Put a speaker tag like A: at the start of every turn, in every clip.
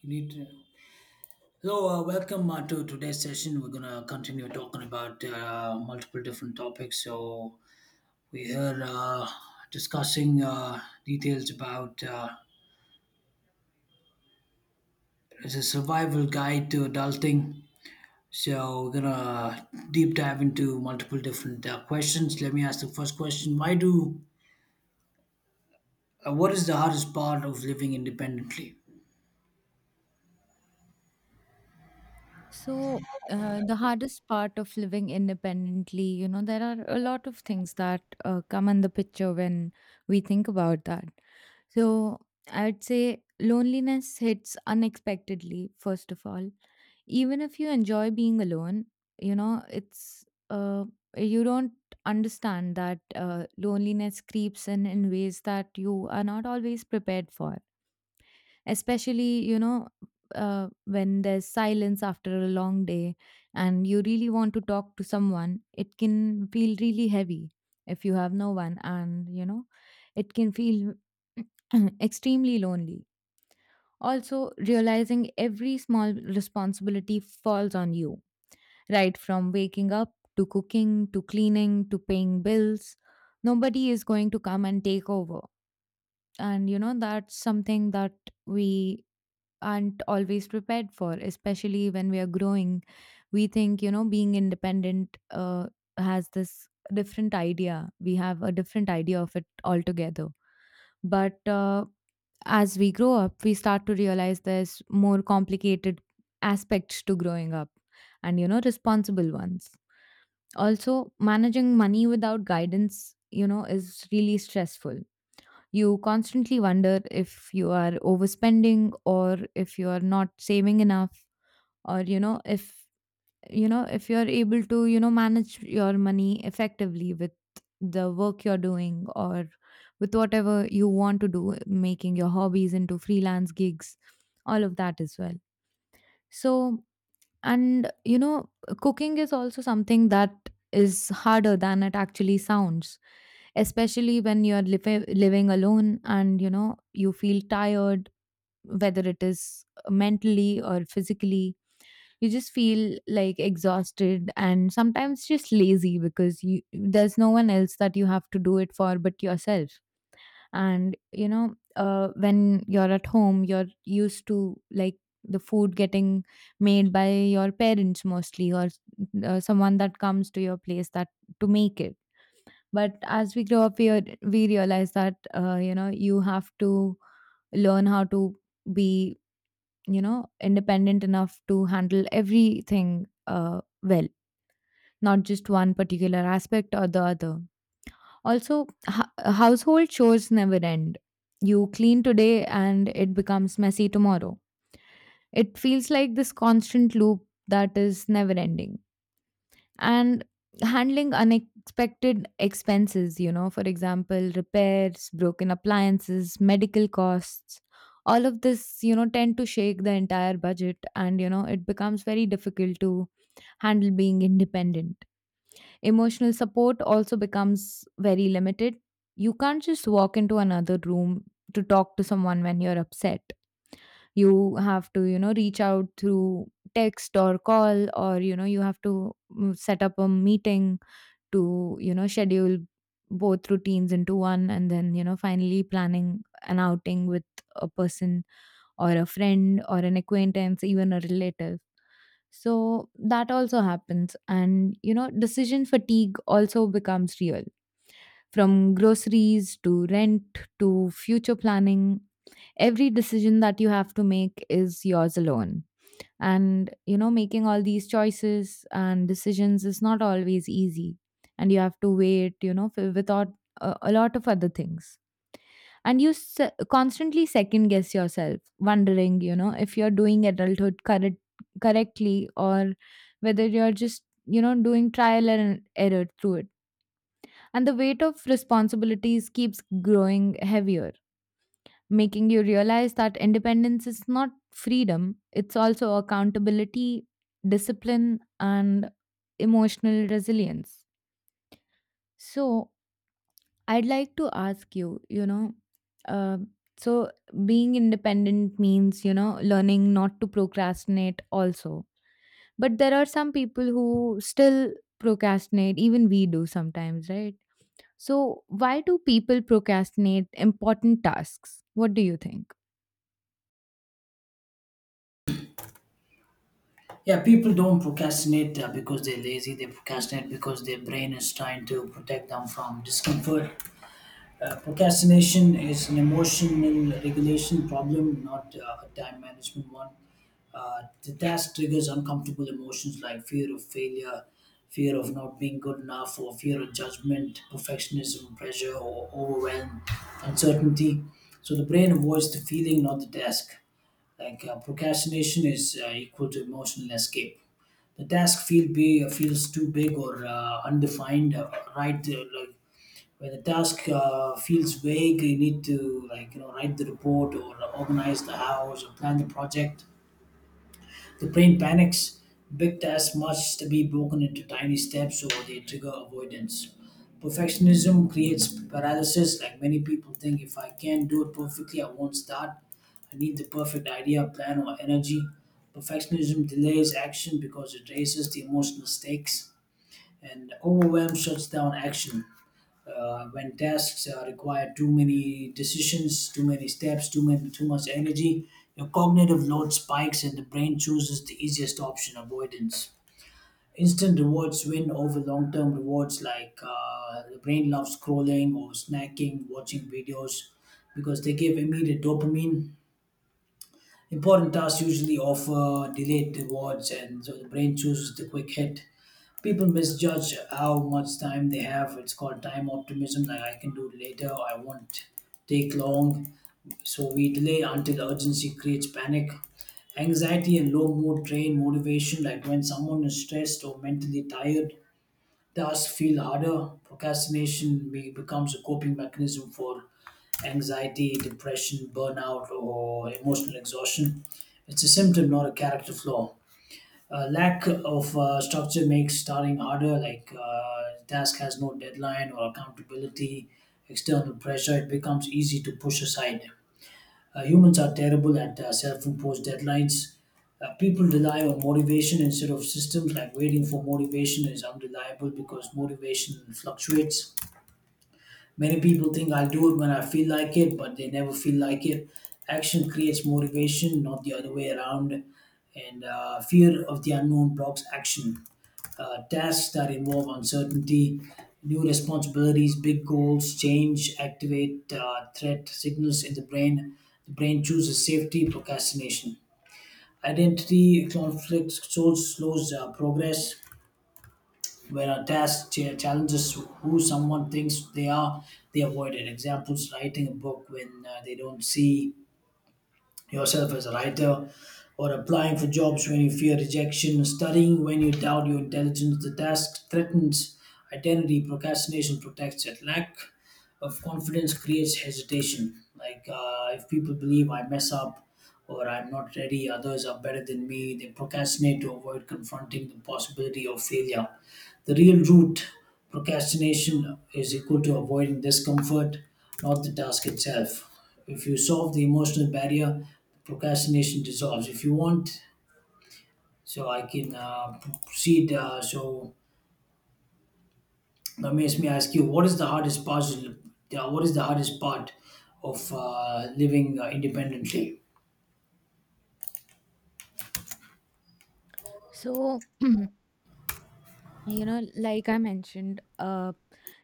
A: You need to. Welcome to today's session. We're gonna continue talking about multiple different topics. So, we're here discussing details about It's a survival guide to adulting. So, we're gonna deep dive into multiple different questions. Let me ask the first question: Why do? What is the hardest part of living independently?
B: So, the hardest part of living independently, you know, there are a lot of things that come in the picture when we think about that. So, I'd say loneliness hits unexpectedly, first of all. Even if you enjoy being alone, you know, it's you don't understand that loneliness creeps in ways that you are not always prepared for, especially, you know, when there's silence after a long day and you really want to talk to someone. It can feel really heavy if you have no one, and you know, it can feel extremely lonely. Also, realizing every small responsibility falls on you, right from waking up to cooking to cleaning to paying bills. Nobody is going to come and take over, and you know, that's something that we aren't always prepared for, especially when we are growing. We think, you know, being independent has this different idea. We have a different idea of it altogether, but as we grow up we start to realize there's more complicated aspects to growing up, and you know, responsible ones. Also, managing money without guidance, you know, is really stressful. You constantly wonder if you are overspending or if you are not saving enough, or you know, if you know, if you are able to, you know, manage your money effectively with the work you're doing, or with whatever you want to do, making your hobbies into freelance gigs, all of that as well. So, and you know, cooking is also something that is harder than it actually sounds, especially when you're living alone, and you know, you feel tired, whether it is mentally or physically. You just feel like exhausted and sometimes just lazy, because you, there's no one else that you have to do it for but yourself. And you know, when you're at home you're used to like the food getting made by your parents mostly, or someone that comes to your place that to make it. But as we grow up we realize that, you know, you have to learn how to be, you know, independent enough to handle everything well, not just one particular aspect or the other. Also, household chores never end. You clean today and it becomes messy tomorrow. It feels like this constant loop that is never ending. And handling unexpected expenses, you know, for example, repairs, broken appliances, medical costs. All of this, you know, tend to shake the entire budget, and you know, it becomes very difficult to handle being independent. Emotional support also becomes very limited. You can't just walk into another room to talk to someone when you're upset. You have to, you know, reach out through text or call, or you know, you have to, set up a meeting to, you know, schedule both routines into one, and then, you know, finally planning an outing with a person or a friend or an acquaintance, even a relative. So that also happens. And, you know, decision fatigue also becomes real, from groceries to rent to future planning. Every decision that you have to make is yours alone, and you know, making all these choices and decisions is not always easy. And you have to wait, you know, without a lot of other things. And you constantly second guess yourself, wondering, you know, if you're doing adulthood correctly, or whether you're just, you know, doing trial and error through it. And the weight of responsibilities keeps growing heavier, making you realize that independence is not freedom, it's also accountability, discipline, and emotional resilience. So, I'd like to ask you, you know, uh, so, being independent means, you know, learning not to procrastinate also. But there are some people who still procrastinate, even we do sometimes, right? So, why do people procrastinate important tasks? What do you think?
A: Yeah, people don't procrastinate because they're lazy. They procrastinate because their brain is trying to protect them from discomfort. Procrastination is an emotional regulation problem, not a time management one. The task triggers uncomfortable emotions like fear of failure, fear of not being good enough, or fear of judgment, perfectionism, pressure, or overwhelm, uncertainty. So the brain avoids the feeling, not the task. Like procrastination is equal to emotional escape. The task feels too big or undefined right like when the task feels vague, you need to like you know write the report or organize the house or plan the project. The brain panics. Big tasks must be broken into tiny steps, or they trigger avoidance. Perfectionism creates paralysis. Like many people think, if I can't do it perfectly, I won't start. I need the perfect idea, plan, or energy. Perfectionism delays action because it raises the emotional stakes, and overwhelm shuts down action. When tasks require too many decisions, too many steps, too much energy, your cognitive load spikes and the brain chooses the easiest option, avoidance. Instant rewards win over long-term rewards, like the brain loves scrolling or snacking, watching videos, because they give immediate dopamine. Important tasks usually offer delayed rewards, and so the brain chooses the quick hit. People misjudge how much time they have. It's called time optimism, like I can do it later, I won't take long. So we delay until urgency creates panic. Anxiety and low mood drain motivation, like when someone is stressed or mentally tired, tasks feel harder. Procrastination becomes a coping mechanism for anxiety, depression, burnout, or emotional exhaustion. It's a symptom, not a character flaw. Lack of structure makes starting harder, like task has no deadline or accountability, external pressure, it becomes easy to push aside. Humans are terrible at self imposed deadlines. People rely on motivation instead of systems, like waiting for motivation is unreliable because motivation fluctuates. Many people think I'll do it when I feel like it, but they never feel like it. Action creates motivation, not the other way around. And fear of the unknown blocks action. Tasks that involve uncertainty, new responsibilities, big goals, change, activate threat signals in the brain. The brain chooses safety, procrastination. Identity conflict slows progress where a task challenges who someone thinks they are, they avoid it. Examples: writing a book when they don't see yourself as a writer, or applying for jobs when you fear rejection, studying when you doubt your intelligence. The task threatens identity, procrastination protects it. Lack of confidence creates hesitation. Like if people believe I mess up or I'm not ready, others are better than me, they procrastinate to avoid confronting the possibility of failure. The real root: procrastination is equal to avoiding discomfort, not the task itself. If you solve the emotional barrier, procrastination dissolves. If you want, so I can proceed. So that makes me ask you, what is the hardest part? What is the hardest part of living independently?
B: So, you know, like I mentioned,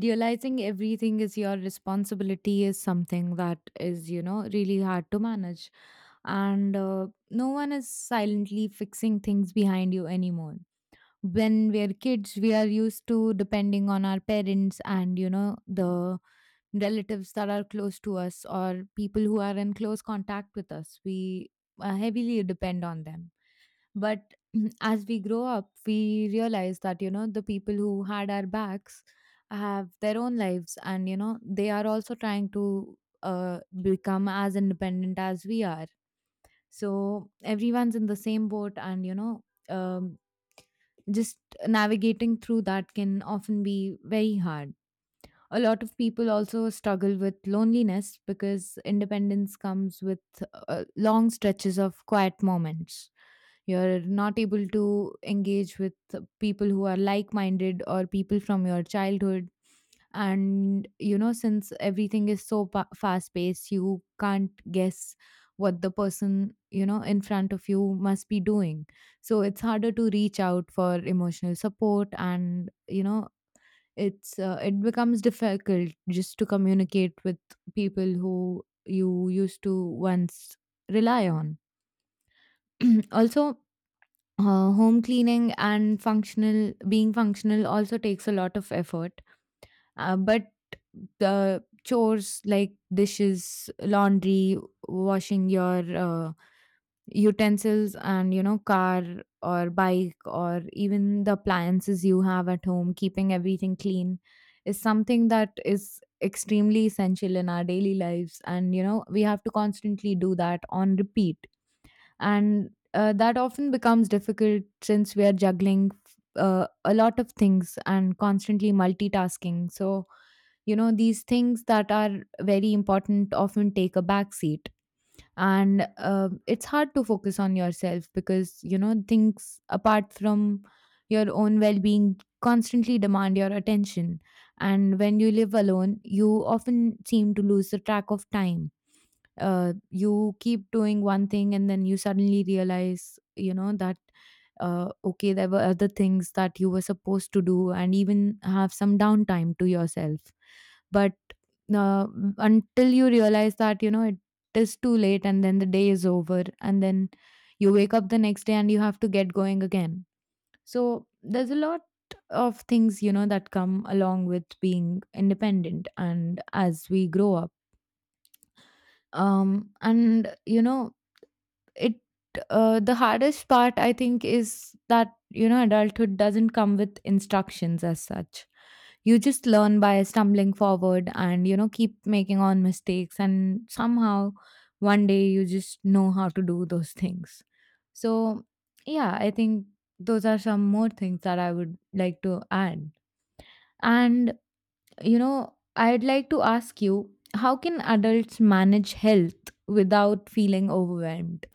B: realizing everything is your responsibility is something that is, you know, really hard to manage. And no one is silently fixing things behind you anymore. When we are kids we are used to depending on our parents, and you know, the relatives that are close to us, or people who are in close contact with us. We heavily depend on them. But as we grow up, we realize that, you know, the people who had our backs have their own lives, and, you know, they are also trying to become as independent as we are. So everyone's in the same boat, and, you know, um, just navigating through that can often be very hard. A lot of people also struggle with loneliness because independence comes with long stretches of quiet moments. You're not able to engage with people who are like minded, or people from your childhood. And, you know, since everything is so fast paced, you can't guess what the person, you know, in front of you must be doing. So it's harder to reach out for emotional support, and, you know, it becomes difficult just to communicate with people who you used to once rely on. Also, home cleaning and functional being functional also takes a lot of effort, but the chores like dishes, laundry, washing your utensils, and you know, car or bike, or even the appliances you have at home, keeping everything clean is something that is extremely essential in our daily lives, and you know, we have to constantly do that on repeat. And that often becomes difficult since we are juggling a lot of things and constantly multitasking. So you know, these things that are very important often take a back seat. And it's hard to focus on yourself, because you know, things apart from your own well-being constantly demand your attention. And when you live alone, you often seem to lose the track of time. You keep doing one thing and then you suddenly realize, you know, that, okay, there were other things that you were supposed to do, and even have some downtime to yourself. But uh, until you realize that, you know, it is too late, and then the day is over, and then you wake up the next day and you have to get going again. So there's a lot of things, you know, that come along with being independent, and as we grow up, and you know, it, the hardest part I think is that, you know, adulthood doesn't come with instructions as such. You just learn by stumbling forward, and you know, keep making on mistakes, and somehow one day you just know how to do those things. So, yeah, I think those are some more things that I would like to add. And, you know, I'd like to ask you, how can adults manage health without feeling overwhelmed?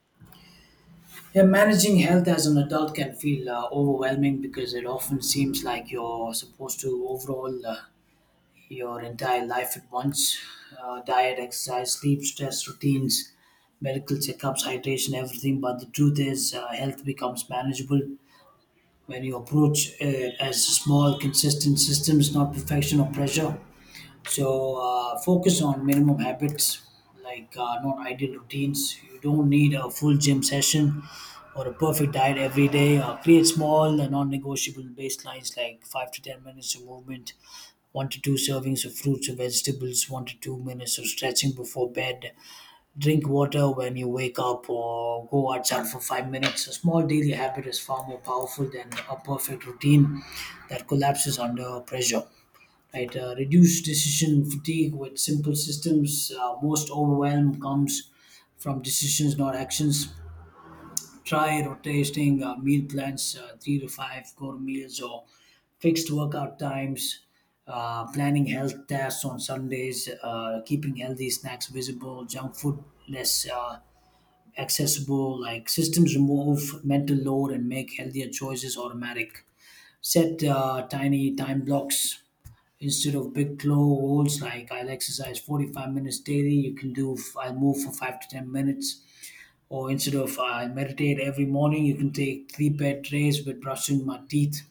A: Yeah, managing health as an adult can feel overwhelming because it often seems like you're supposed to overall. Your entire life at once: diet, exercise, sleep, stress, routines, medical checkups, hydration, everything. But the truth is, health becomes manageable when you approach it as small, consistent systems, not perfection or pressure. So focus on minimum habits like not ideal routines. You don't need a full gym session or a perfect diet every day. Create small and non-negotiable baselines like 5 to 10 minutes of movement, one to two servings of fruits or vegetables, 1 to 2 minutes of stretching before bed. Drink water when you wake up or go outside for 5 minutes. A small daily habit is far more powerful than a perfect routine that collapses under pressure, right? Reduce decision fatigue with simple systems. Most overwhelm comes from decisions, not actions. Try rotating meal plans, three to five core meals or fixed workout times. Planning health tasks on Sundays, keeping healthy snacks visible, junk food less accessible, like systems remove mental load and make healthier choices automatic. Set tiny time blocks instead of big low goals, like I'll exercise 45 minutes daily, you can do I'll move for 5 to 10 minutes, or instead of I'll meditate every morning, you can take three bed days with brushing my teeth.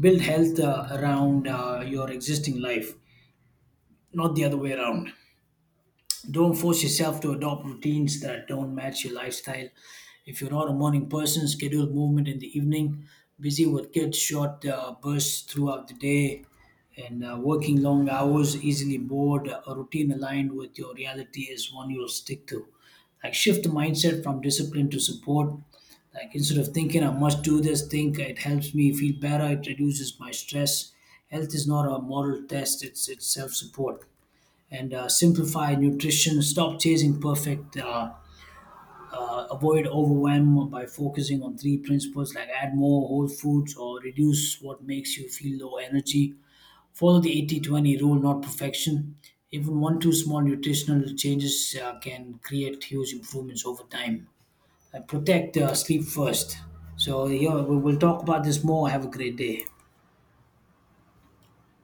A: Build health around your existing life, not the other way around. Don't force yourself to adopt routines that don't match your lifestyle. If you're not a morning person, schedule movement in the evening. Busy with kids, short bursts throughout the day, and working long hours, easily bored. A routine aligned with your reality is one you'll stick to. Like shift the mindset from discipline to support. Like instead of thinking I must do this, think it helps me feel better. It reduces my stress. Health is not a moral test; it's self support. And simplify nutrition. Stop chasing perfect. Avoid overwhelm by focusing on three principles, like add more whole foods or reduce what makes you feel low energy. Follow the 80/20 rule, not perfection. Even one, two small nutritional changes can create huge improvements over time. And protect sleep first. So, yeah, we'll talk about this more. Have a great day.